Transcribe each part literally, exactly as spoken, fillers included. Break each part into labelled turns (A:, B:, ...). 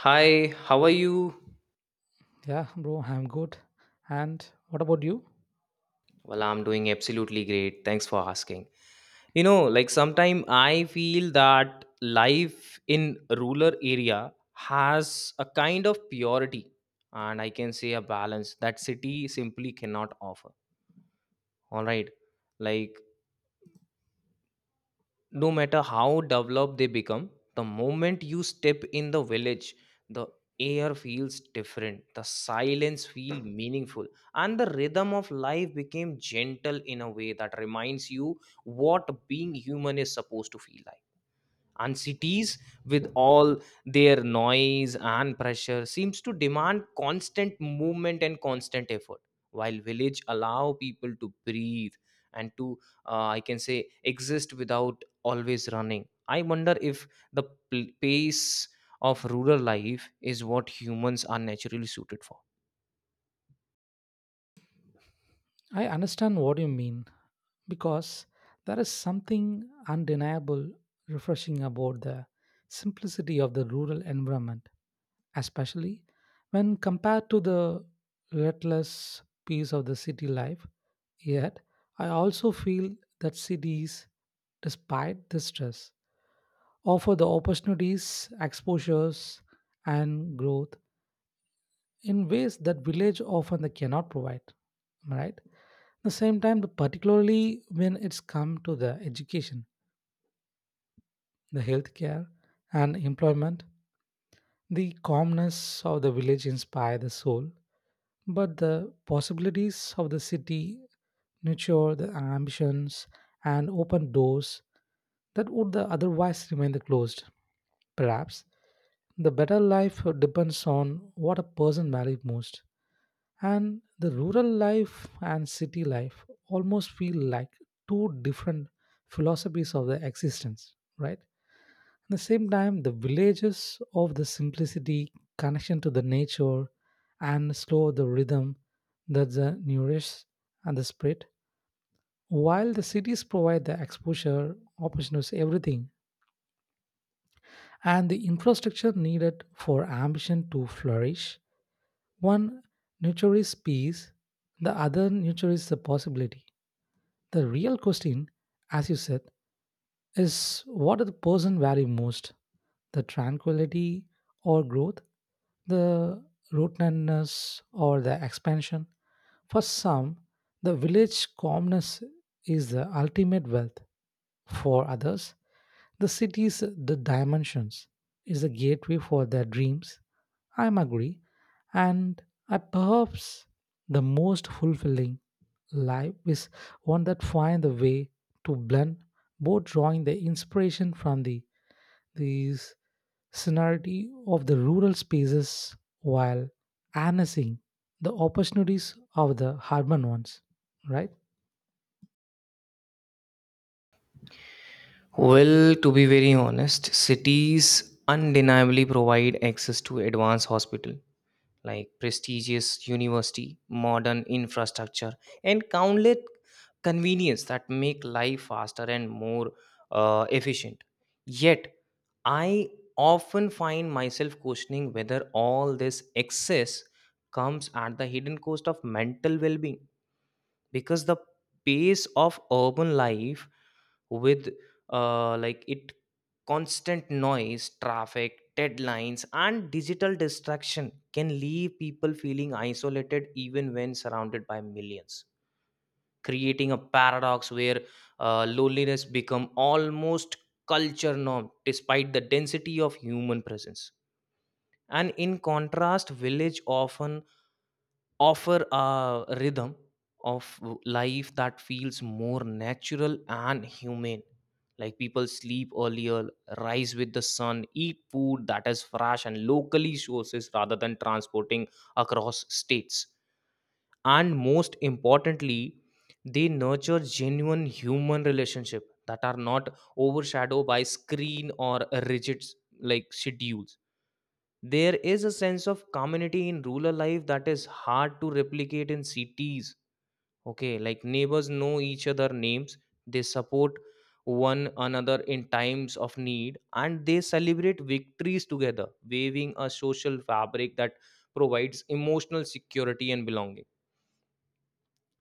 A: Hi, how are you?
B: Yeah, bro, I'm good. And what about you?
A: Well, I'm doing absolutely great. Thanks for asking. You know, like sometimes I feel that life in rural area has a kind of purity, and I can say, a balance that city simply cannot offer. All right. Like no matter how developed they become, the moment you step in the village, the air feels different, the silence feels meaningful, and the rhythm of life became gentle in a way that reminds you what being human is supposed to feel like. And cities, with all their noise and pressure, seems to demand constant movement and constant effort, while village allow people to breathe, and to uh, I can say, exist without always running. I wonder if the pl- pace of rural life is what humans are naturally suited for.
B: I understand what you mean because there is something undeniable refreshing about the simplicity of the rural environment, especially when compared to the reckless pace of the city life. Yet, I also feel that cities, despite the stress, offer the opportunities, exposures, and growth in ways that village often they cannot provide, am I right? At the same time, the particularly when it's come to the education, the healthcare, and employment, the calmness of the village inspire the soul, but the possibilities of the city nurture the ambitions and open doors that would otherwise remain closed. Perhaps the better life depends on what a person values most, and the rural life and city life almost feel like two different philosophies of their existence, right? At the same time, the villages of the simplicity, connection to the nature, and slow the rhythm that the nourishes and the spirit, while the cities provide the exposure, opportunities, everything, and the infrastructure needed for ambition to flourish, one nurtures peace, the other nurtures the possibility. The real question, as you said, is what does the person value most? The tranquility or growth? The rootedness or the expansion? For some, the village calmness is the ultimate wealth. For others, the cities, the dimensions, is a gateway for their dreams. I am agree, and I perhaps the most fulfilling life is one that finds the way to blend both, drawing the inspiration from the these scenery of the rural spaces while harnessing the opportunities of the urban ones. Right?
A: Well, to be very honest, cities undeniably provide access to advanced hospital, like prestigious university, modern infrastructure, and countless convenience that make life faster and more uh, efficient. Yet, I often find myself questioning whether all this excess comes at the hidden cost of mental well being, because the pace of urban life, with uh, like it constant noise, traffic, deadlines and digital distraction, can leave people feeling isolated even when surrounded by millions, creating a paradox where uh, loneliness become almost culture norm despite the density of human presence. And in contrast, village often offer a rhythm of life that feels more natural and humane. Like people sleep earlier, rise with the sun, eat food that is fresh and locally sources rather than transporting across states, and most importantly, they nurture genuine human relationship that are not overshadowed by screen or rigid like schedules. There is a sense of community in rural life that is hard to replicate in cities. Okay, like neighbors know each other names, they support one another in times of need, and they celebrate victories together, waving a social fabric that provides emotional security and belonging.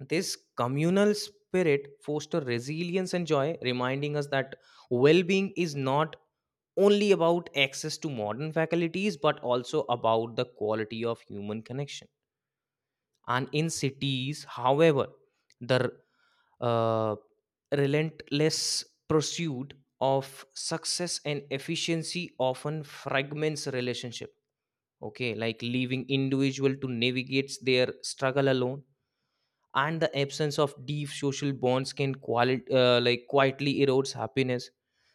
A: This communal spirit foster resilience and joy, reminding us that well-being is not only about access to modern facilities, but also about the quality of human connection. And in cities, however, the uh, relentless pursuit of success and efficiency often fragments relationship. Okay, like leaving individual to navigate their struggle alone, and the absence of deep social bonds can quali- uh, like quietly erodes happiness.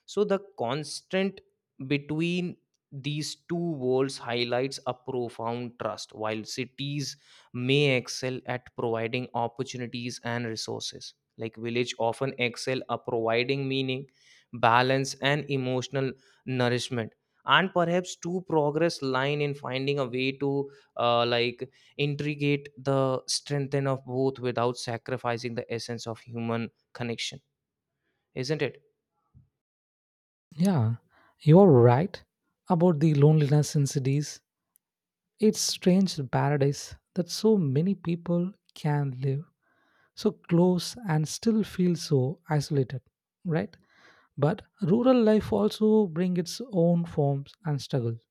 A: So the constant between these two worlds highlights a profound trust, while cities may excel at providing opportunities and resources, like village often excel at providing meaning, balance and emotional nourishment. And perhaps two progress line in finding a way to uh, like integrate the strengthen of both without sacrificing the essence of human connection, isn't it?
B: Yeah, you're right about the loneliness in cities. It's strange paradise that so many people can live so close and still feel so isolated, right? But rural life also bring its own forms and struggles,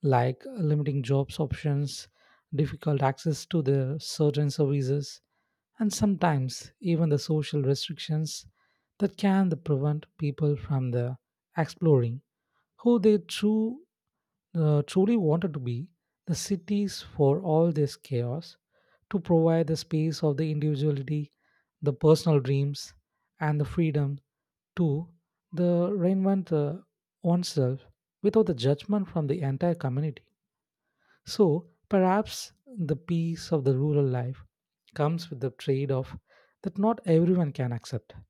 B: like limiting jobs options, difficult access to the certain services, and sometimes even the social restrictions that can prevent people from the exploring who they true uh, truly wanted to be. The cities for all this chaos to provide the space of the individuality, the personal dreams, and the freedom to the reinvent uh, oneself without the judgment from the entire community. So perhaps the peace of the rural life comes with the trade-off that not everyone can accept. At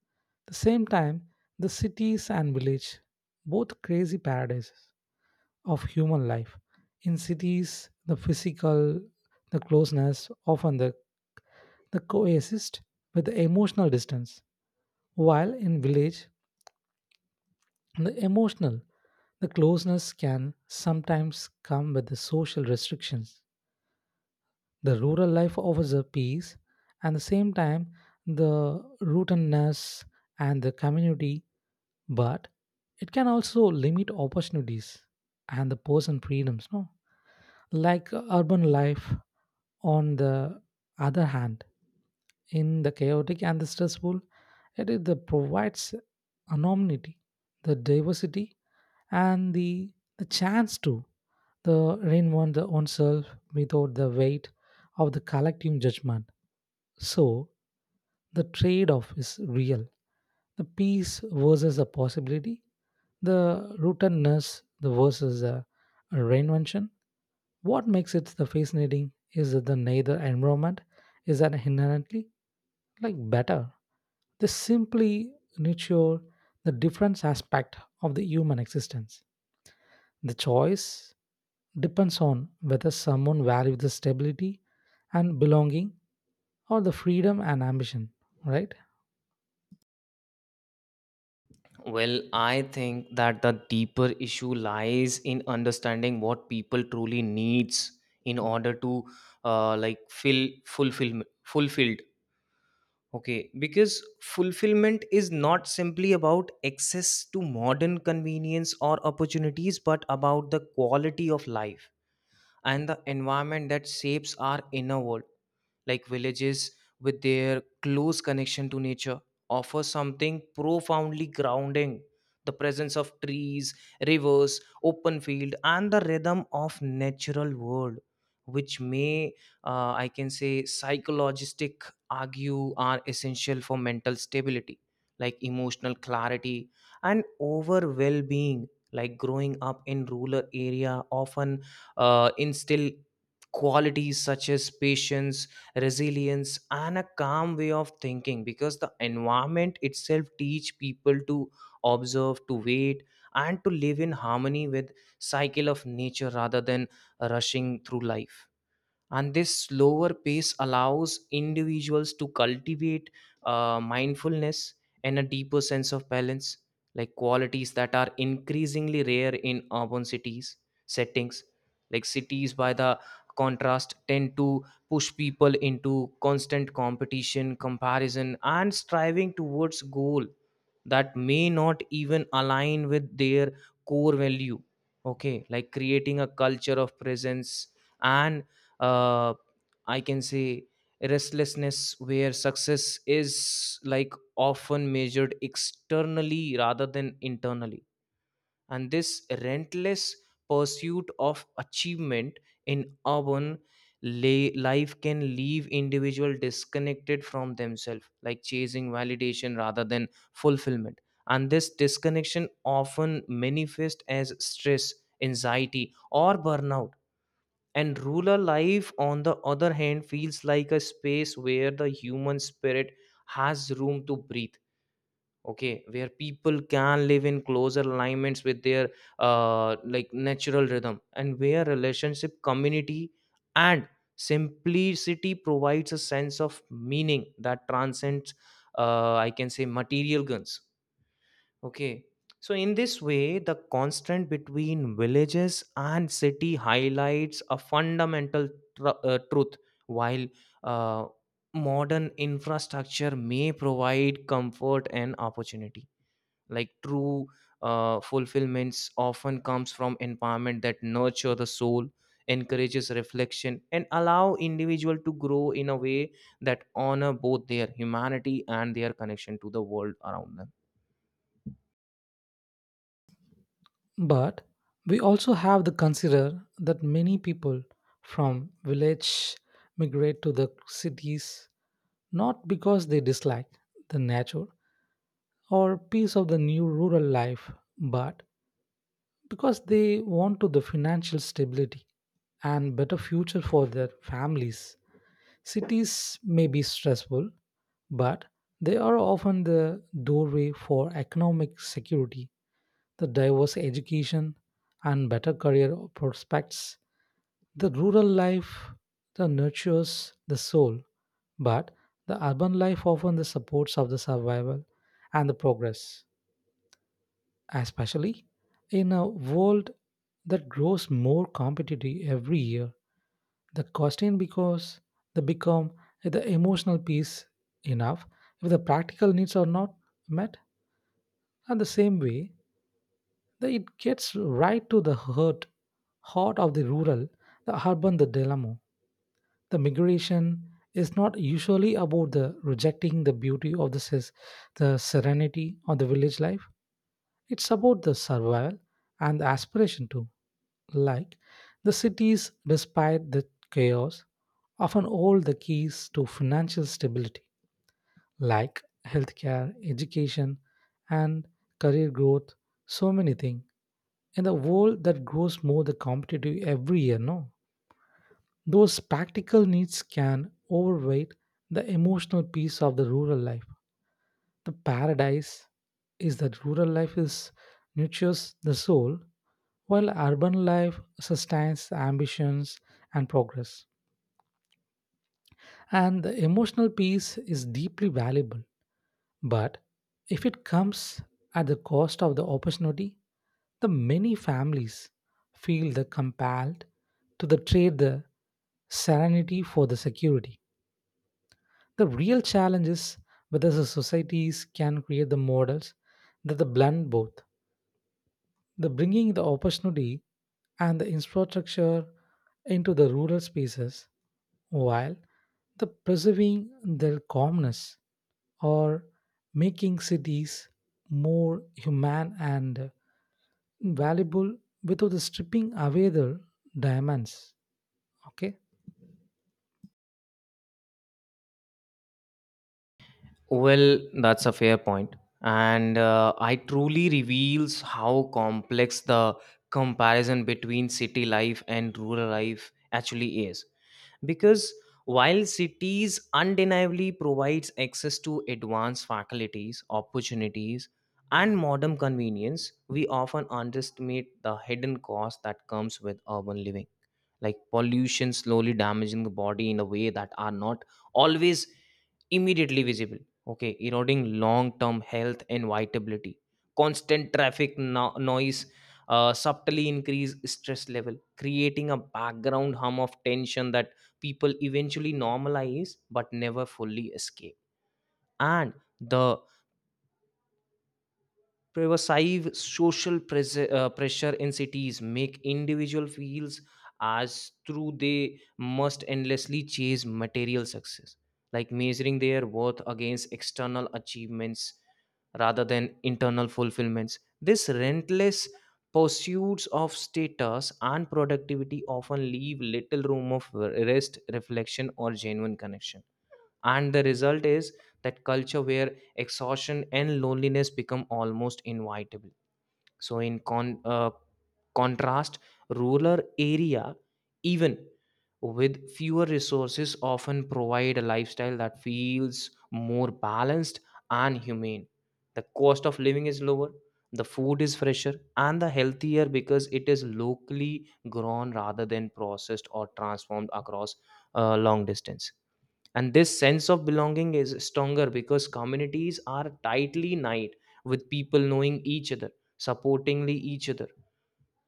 B: the same time, the cities and village both crazy paradises of human life. In cities, the physical, the closeness, often the, the coexist with the emotional distance. While in village, the emotional, the closeness can sometimes come with the social restrictions. The rural life offers a peace, and the same time, the rootedness and the community, but it can also limit opportunities and the person freedoms. No, like uh, urban life, on the other hand, in the chaotic and the stressful, it is the provides anonymity, the diversity, and the, the chance to the reinvent the own self without the weight of the collective judgment. So the trade-off is real. The peace versus the possibility, the rootedness the versus the reinvention. What makes it the fascinating is that the neither environment is an inherently like better. They simply nurture the different aspect of the human existence. The choice depends on whether someone values the stability and belonging or the freedom and ambition, right?
A: Well, I think that the deeper issue lies in understanding what people truly needs in order to uh, like fill fulfill fulfilled. Okay, because fulfillment is not simply about access to modern convenience or opportunities, but about the quality of life and the environment that shapes our inner world. Like villages, with their close connection to nature, offer something profoundly grounding. The presence of trees, rivers, open field, and the rhythm of natural world, which may uh, I can say psychologistic argue are essential for mental stability, like emotional clarity and over well-being. Like growing up in rural area often uh, instill qualities such as patience, resilience and a calm way of thinking, because the environment itself teach people to observe, to wait, and to live in harmony with cycle of nature rather than rushing through life. And this slower pace allows individuals to cultivate uh, mindfulness and a deeper sense of balance, like qualities that are increasingly rare in urban cities settings. Like cities, by the contrast, tend to push people into constant competition, comparison and striving towards goal that may not even align with their core value. Okay, like creating a culture of presence and uh, I can say restlessness, where success is like often measured externally rather than internally. And this relentless pursuit of achievement in urban lay life can leave individual disconnected from themselves, like chasing validation rather than fulfillment. And this disconnection often manifests as stress, anxiety, or burnout. And rural life, on the other hand, feels like a space where the human spirit has room to breathe. Okay, where people can live in closer alignments with their uh, like natural rhythm, and where relationship, community, and simplicity provides a sense of meaning that transcends, uh, I can say, material guns. Okay. So, in this way, the constant between villages and city highlights a fundamental tr- uh, truth. While uh, modern infrastructure may provide comfort and opportunity, like true uh, fulfillments often comes from environment that nurture the soul, encourages reflection, and allow individual to grow in a way that honor both their humanity and their connection to the world around them.
B: But we also have to consider that many people from village migrate to the cities not because they dislike the nature or piece of the new rural life, but because they want to the financial stability and better future for their families. Cities may be stressful, but they are often the doorway for economic security, the diverse education, and better career prospects. The rural life that nurtures the soul, but the urban life often the supports of the survival and the progress, especially in a world that grows more competitive every year. The question because they become the emotional piece enough if the practical needs are not met, and the same way that it gets right to the hurt heart of the rural the urban the dilemma. The migration is not usually about the rejecting the beauty of the, ses- the serenity of the village life. It's about the survival and the aspiration too, like the cities, despite the chaos, often hold the keys to financial stability, like healthcare, education, and career growth. So many things in the world that grows more the competitive every year. No, those practical needs can overweight the emotional piece of the rural life. The paradise is that rural life is nurtures the soul while urban life sustains ambitions and progress. And the emotional peace is deeply valuable. But if it comes at the cost of the opportunity, the many families feel the compelled to the trade the serenity for the security. The real challenge is whether the societies can create the models that the blend both, the bringing the opportunity and the infrastructure into the rural spaces while the preserving their calmness, or making cities more human and valuable without the stripping away their diamonds, okay?
A: Well, that's a fair point. And uh, I truly reveals how complex the comparison between city life and rural life actually is. Because while cities undeniably provides access to advanced faculties, opportunities, and modern convenience, we often underestimate the hidden cost that comes with urban living, like pollution slowly damaging the body in a way that are not always immediately visible. Okay, eroding long term health and vitality, constant traffic, no- noise uh, subtly increase stress level, creating a background hum of tension that people eventually normalize but never fully escape. And the pervasive social pres- uh, pressure in cities make individual feels as through they must endlessly chase material success, like measuring their worth against external achievements rather than internal fulfillments. This relentless pursuits of status and productivity often leave little room of rest, reflection or genuine connection. And the result is that culture where exhaustion and loneliness become almost inevitable. So in con- uh, contrast, rural area, even with fewer resources, often provide a lifestyle that feels more balanced and humane. The cost of living is lower, the food is fresher and the healthier because it is locally grown rather than processed or transformed across uh, long distance. And this sense of belonging is stronger because communities are tightly knit, with people knowing each other, supportingly each other,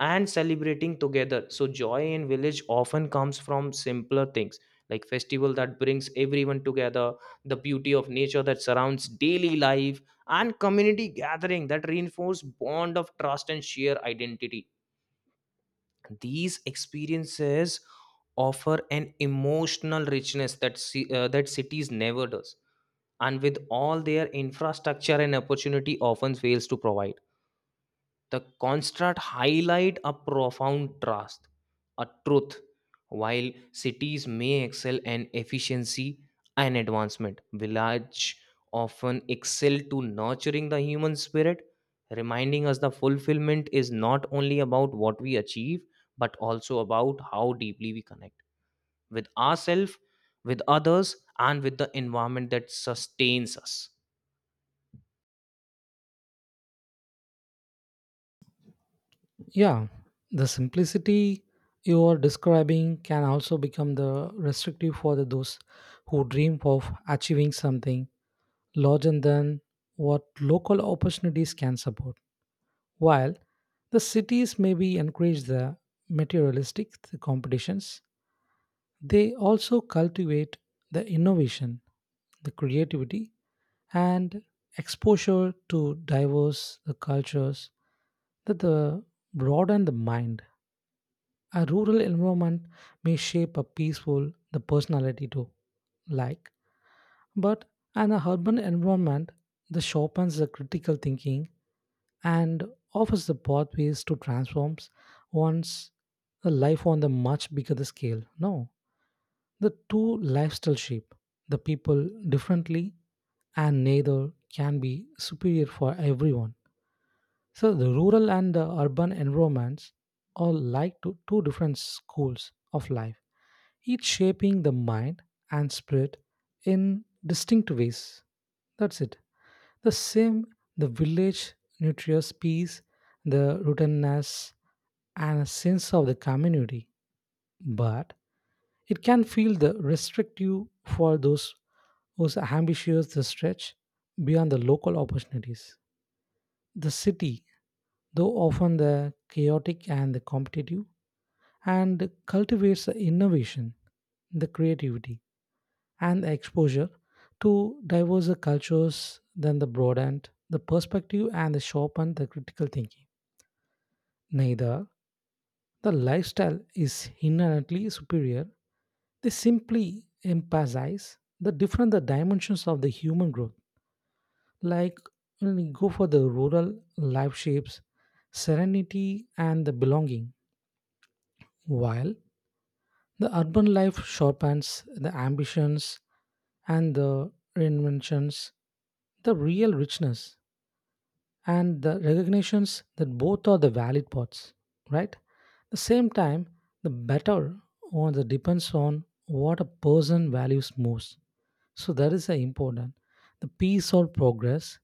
A: and celebrating together. So joy in village often comes from simpler things, like festival that brings everyone together, the beauty of nature that surrounds daily life, and community gathering that reinforce bond of trust and shared identity. These experiences offer an emotional richness that ci- uh, that cities never does, and with all their infrastructure and opportunity often fails to provide. The construct highlight a profound trust, a truth, while cities may excel in efficiency and advancement, village often excel to nurturing the human spirit, reminding us the fulfillment is not only about what we achieve, but also about how deeply we connect with ourselves, with others, and with the environment that sustains us.
B: Yeah, the simplicity you are describing can also become the restrictive for the, those who dream of achieving something larger than what local opportunities can support. While the cities maybe encourage the materialistic competitions, they also cultivate the innovation, the creativity, and exposure to diverse the cultures that the broaden the mind. A rural environment may shape a peaceful the personality too. Like but in an urban environment, this sharpens the critical thinking and offers the pathways to transform one's life on the much bigger scale. No, the two lifestyle shape the people differently, and neither can be superior for everyone. So the rural and the urban environments are like two, two different schools of life, each shaping the mind and spirit in distinct ways. That's it. The same, the village nurtures peace, the rootedness, and a sense of the community. But it can feel the restrictive for those whose ambitions the stretch beyond the local opportunities. The city, though often the chaotic and the competitive, and cultivates the innovation, the creativity, and the exposure to diverse cultures then the broadened the perspective and the sharpened the critical thinking. Neither the lifestyle is inherently superior. They simply emphasize the different the dimensions of the human growth. Like when we go for the rural life shapes, serenity and the belonging, while the urban life sharpens the ambitions and the reinventions, the real richness and the recognitions that both are the valid parts, right? The same time, the better or the depends on what a person values most. So that is the important. The peace or progress,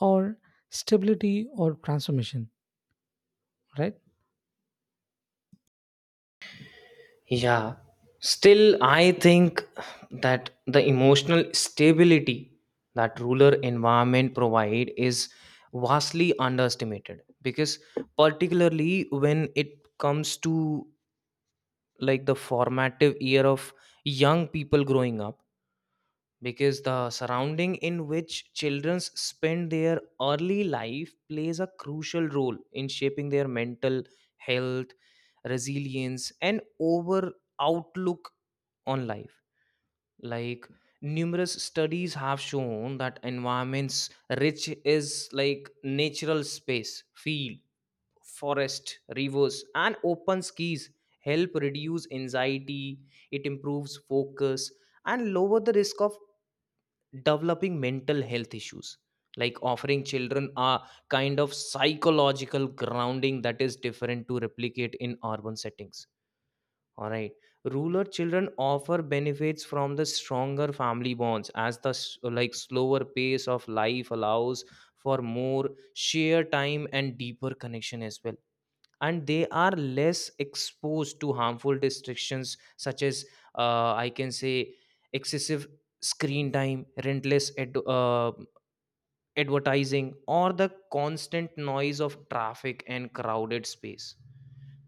B: or stability or transformation, right?
A: Yeah. Still, I think that the emotional stability that rural environment provide is vastly underestimated, because particularly when it comes to like the formative year of young people growing up, because the surrounding in which children spend their early life plays a crucial role in shaping their mental health, resilience and over outlook on life. Like numerous studies have shown that environments rich is like natural space, field, forest, rivers and open skies, help reduce anxiety, it improves focus and lower the risk of developing mental health issues, like offering children a kind of psychological grounding that is different to replicate in urban settings. All right. Rural children offer benefits from the stronger family bonds, as the s- like slower pace of life allows for more sheer time and deeper connection as well. And they are less exposed to harmful distractions such as uh, I can say excessive screen time, relentless ad- uh, advertising, or the constant noise of traffic and crowded space.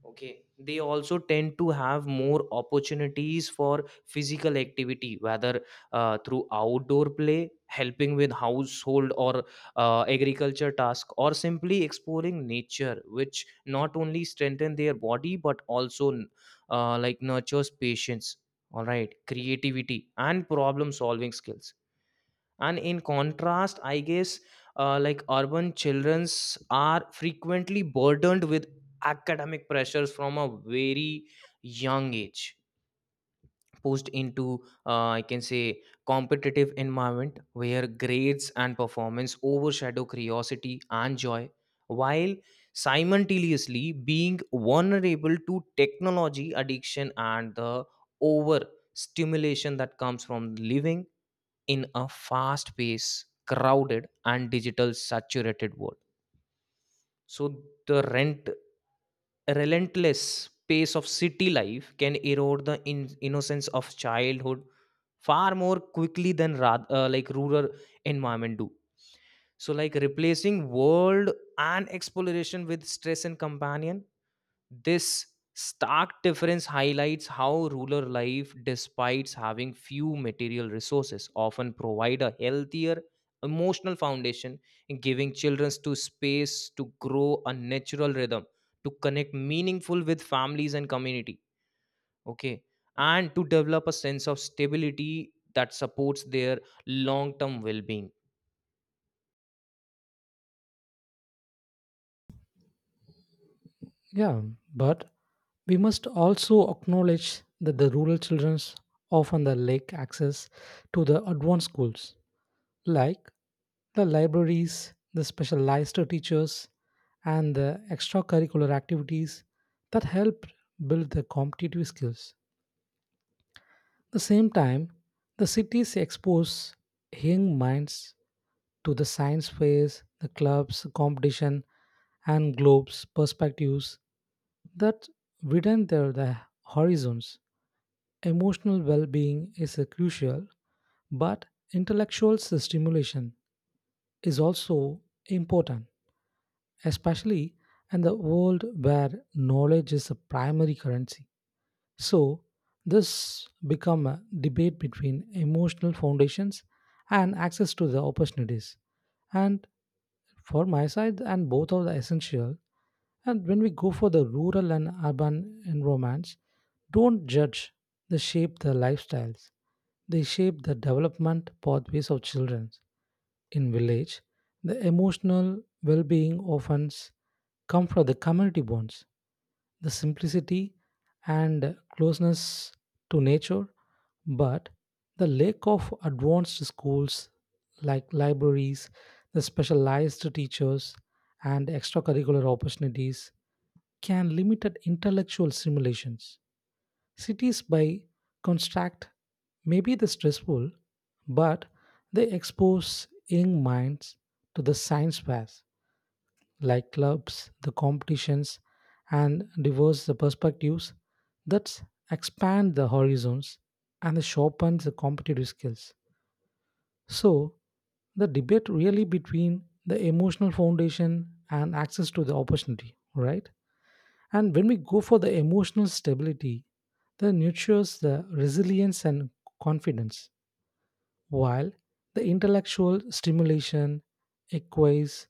A: Okay, they also tend to have more opportunities for physical activity, whether uh, through outdoor play, helping with household or uh, agriculture task, or simply exploring nature, which not only strengthen their body but also uh, like nurtures patience. All right, creativity and problem solving skills. And in contrast, I guess uh, like urban childrens are frequently burdened with academic pressures from a very young age, pushed into uh, I can say competitive environment where grades and performance overshadow curiosity and joy, while simultaneously being vulnerable to technology addiction and the over stimulation that comes from living in a fast paced, crowded, and digital saturated world. So, the rent, relentless pace of city life can erode the in- innocence of childhood far more quickly than ra- uh, like rural environment do, so like replacing world and exploration with stress and companion. This stark difference highlights how rural life, despite having few material resources, often provide a healthier emotional foundation, in giving children to space to grow a natural rhythm, to connect meaningful with families and community. Okay. And to develop a sense of stability that supports their long-term well-being.
B: Yeah, but we must also acknowledge that the rural children often the lack access to the advanced schools like the libraries, the specialized teachers, and the extracurricular activities that help build their competitive skills. At the same time, the cities expose young minds to the science fairs, the clubs, competition, and globes perspectives that widen their the horizons. Emotional well being is uh, crucial, but intellectual stimulation is also important, especially in the world where knowledge is a primary currency. So, this become a debate between emotional foundations and access to the opportunities. And for my side, and both are essential. And when we go for the rural and urban environments, don't judge. They shape the lifestyles. They shape the development pathways of children. In village, the emotional well-being often comes from the community bonds, the simplicity and closeness to nature, but the lack of advanced schools like libraries, the specialized teachers, and extracurricular opportunities can limit intellectual stimulations. Cities, by contract, may be the stressful, but they expose young minds to the science fairs like clubs, the competitions, and diverse the perspectives that expand the horizons and sharpen the competitive skills. So, the debate really between the emotional foundation and access to the opportunity, right? And when we go for the emotional stability, that nurtures the resilience and confidence while the intellectual stimulation equates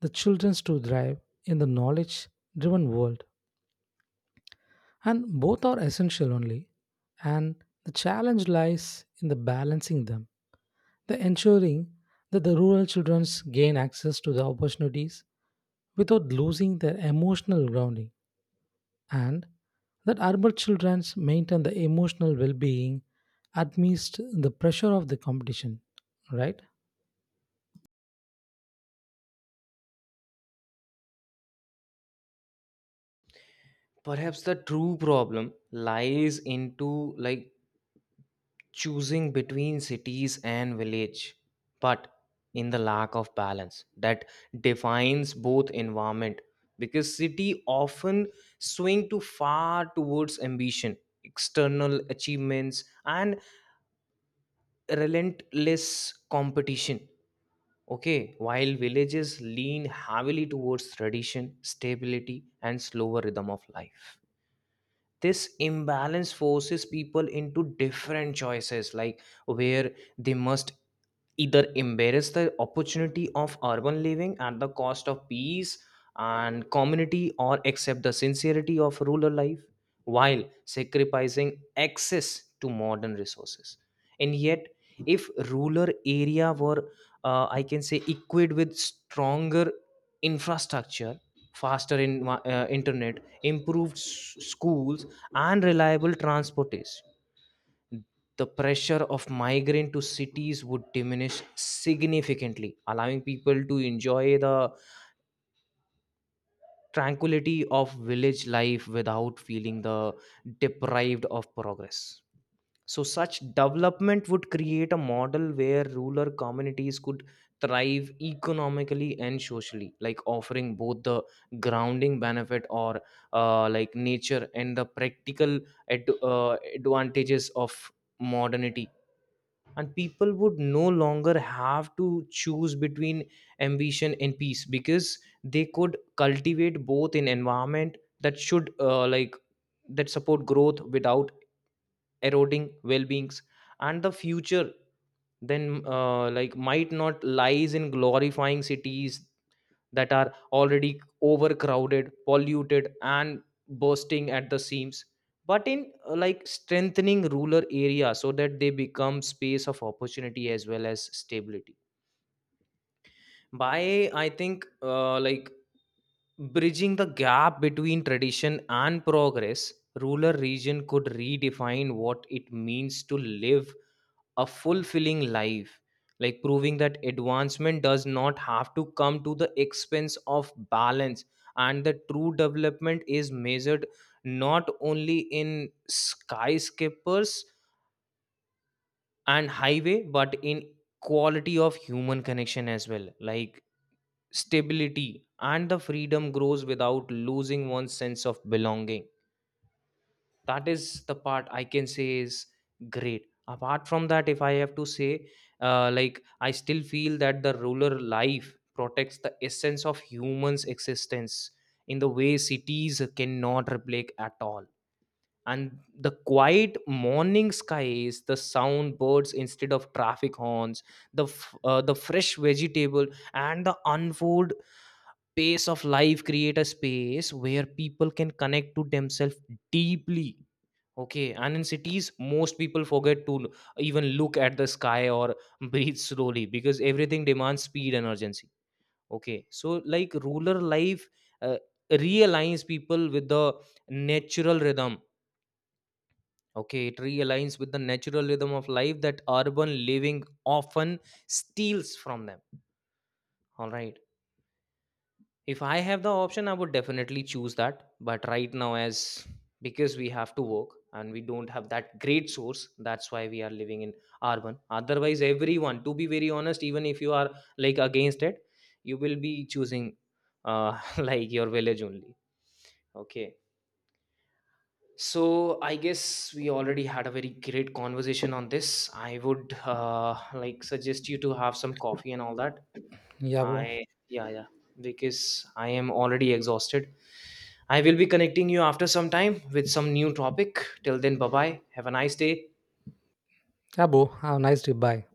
B: the children to thrive in the knowledge driven world. And both are essential only, and the challenge lies in the balancing them, the ensuring that the rural children gain access to the opportunities without losing their emotional grounding, and that urban children maintain the emotional well being amidst the pressure of the competition. Right?
A: Perhaps the true problem lies into like choosing between cities and village but in the lack of balance that defines both environment, because city often swing too far towards ambition, external achievements, and relentless competition. Okay. While villages lean heavily towards tradition, stability, and slower rhythm of life, this imbalance forces people into different choices, like where they must either embrace the opportunity of urban living at the cost of peace and community, or accept the sincerity of rural life while sacrificing access to modern resources. And yet, if rural area were uh, I can say equipped with stronger infrastructure, faster in, uh, internet, improved s- schools, and reliable transportation, the pressure of migrant to cities would diminish significantly, allowing people to enjoy the tranquility of village life without feeling the deprived of progress. So, such development would create a model where rural communities could thrive economically and socially, like offering both the grounding benefit or uh, like nature and the practical ad- uh, advantages of modernity. And people would no longer have to choose between ambition and peace, because they could cultivate both in environment that should uh, like that support growth without eroding well-beings. And the future then uh, like might not lies in glorifying cities that are already overcrowded, polluted, and bursting at the seams, but in uh, like strengthening rural areas so that they become space of opportunity as well as stability. By i think uh, like bridging the gap between tradition and progress, rural region could redefine what it means to live a fulfilling life, like proving that advancement does not have to come to the expense of balance, and the true development is measured not only in skyscrapers and highway, but in quality of human connection as well, like stability and the freedom grows without losing one's sense of belonging. That is the part I can say is great. Apart from that, if I have to say, uh, like I still feel that the rural life protects the essence of humans existence in the way cities cannot replicate at all. And the quiet morning skies, the sound birds instead of traffic horns, the f- uh, the fresh vegetable, and the unfold pace of life create a space where people can connect to themselves deeply. Okay, and in cities, most people forget to l- even look at the sky or breathe slowly, because everything demands speed and urgency. Okay, so like rural life uh, realigns people with the natural rhythm. Okay, it realigns with the natural rhythm of life that urban living often steals from them. All right. If I have the option, I would definitely choose that. But right now, as because we have to work and we don't have that great source, that's why we are living in urban. Otherwise, everyone, to be very honest, even if you are like against it, you will be choosing uh, like your village only. Okay. So I guess we already had a very great conversation on this. I would uh, like suggest you to have some coffee and all that.
B: Yeah, bro.
A: I yeah, yeah, because I am already exhausted. I will be connecting you after some time with some new topic. Till then, bye bye. Have a nice day.
B: Yeah, bro. Have a nice day. Bye.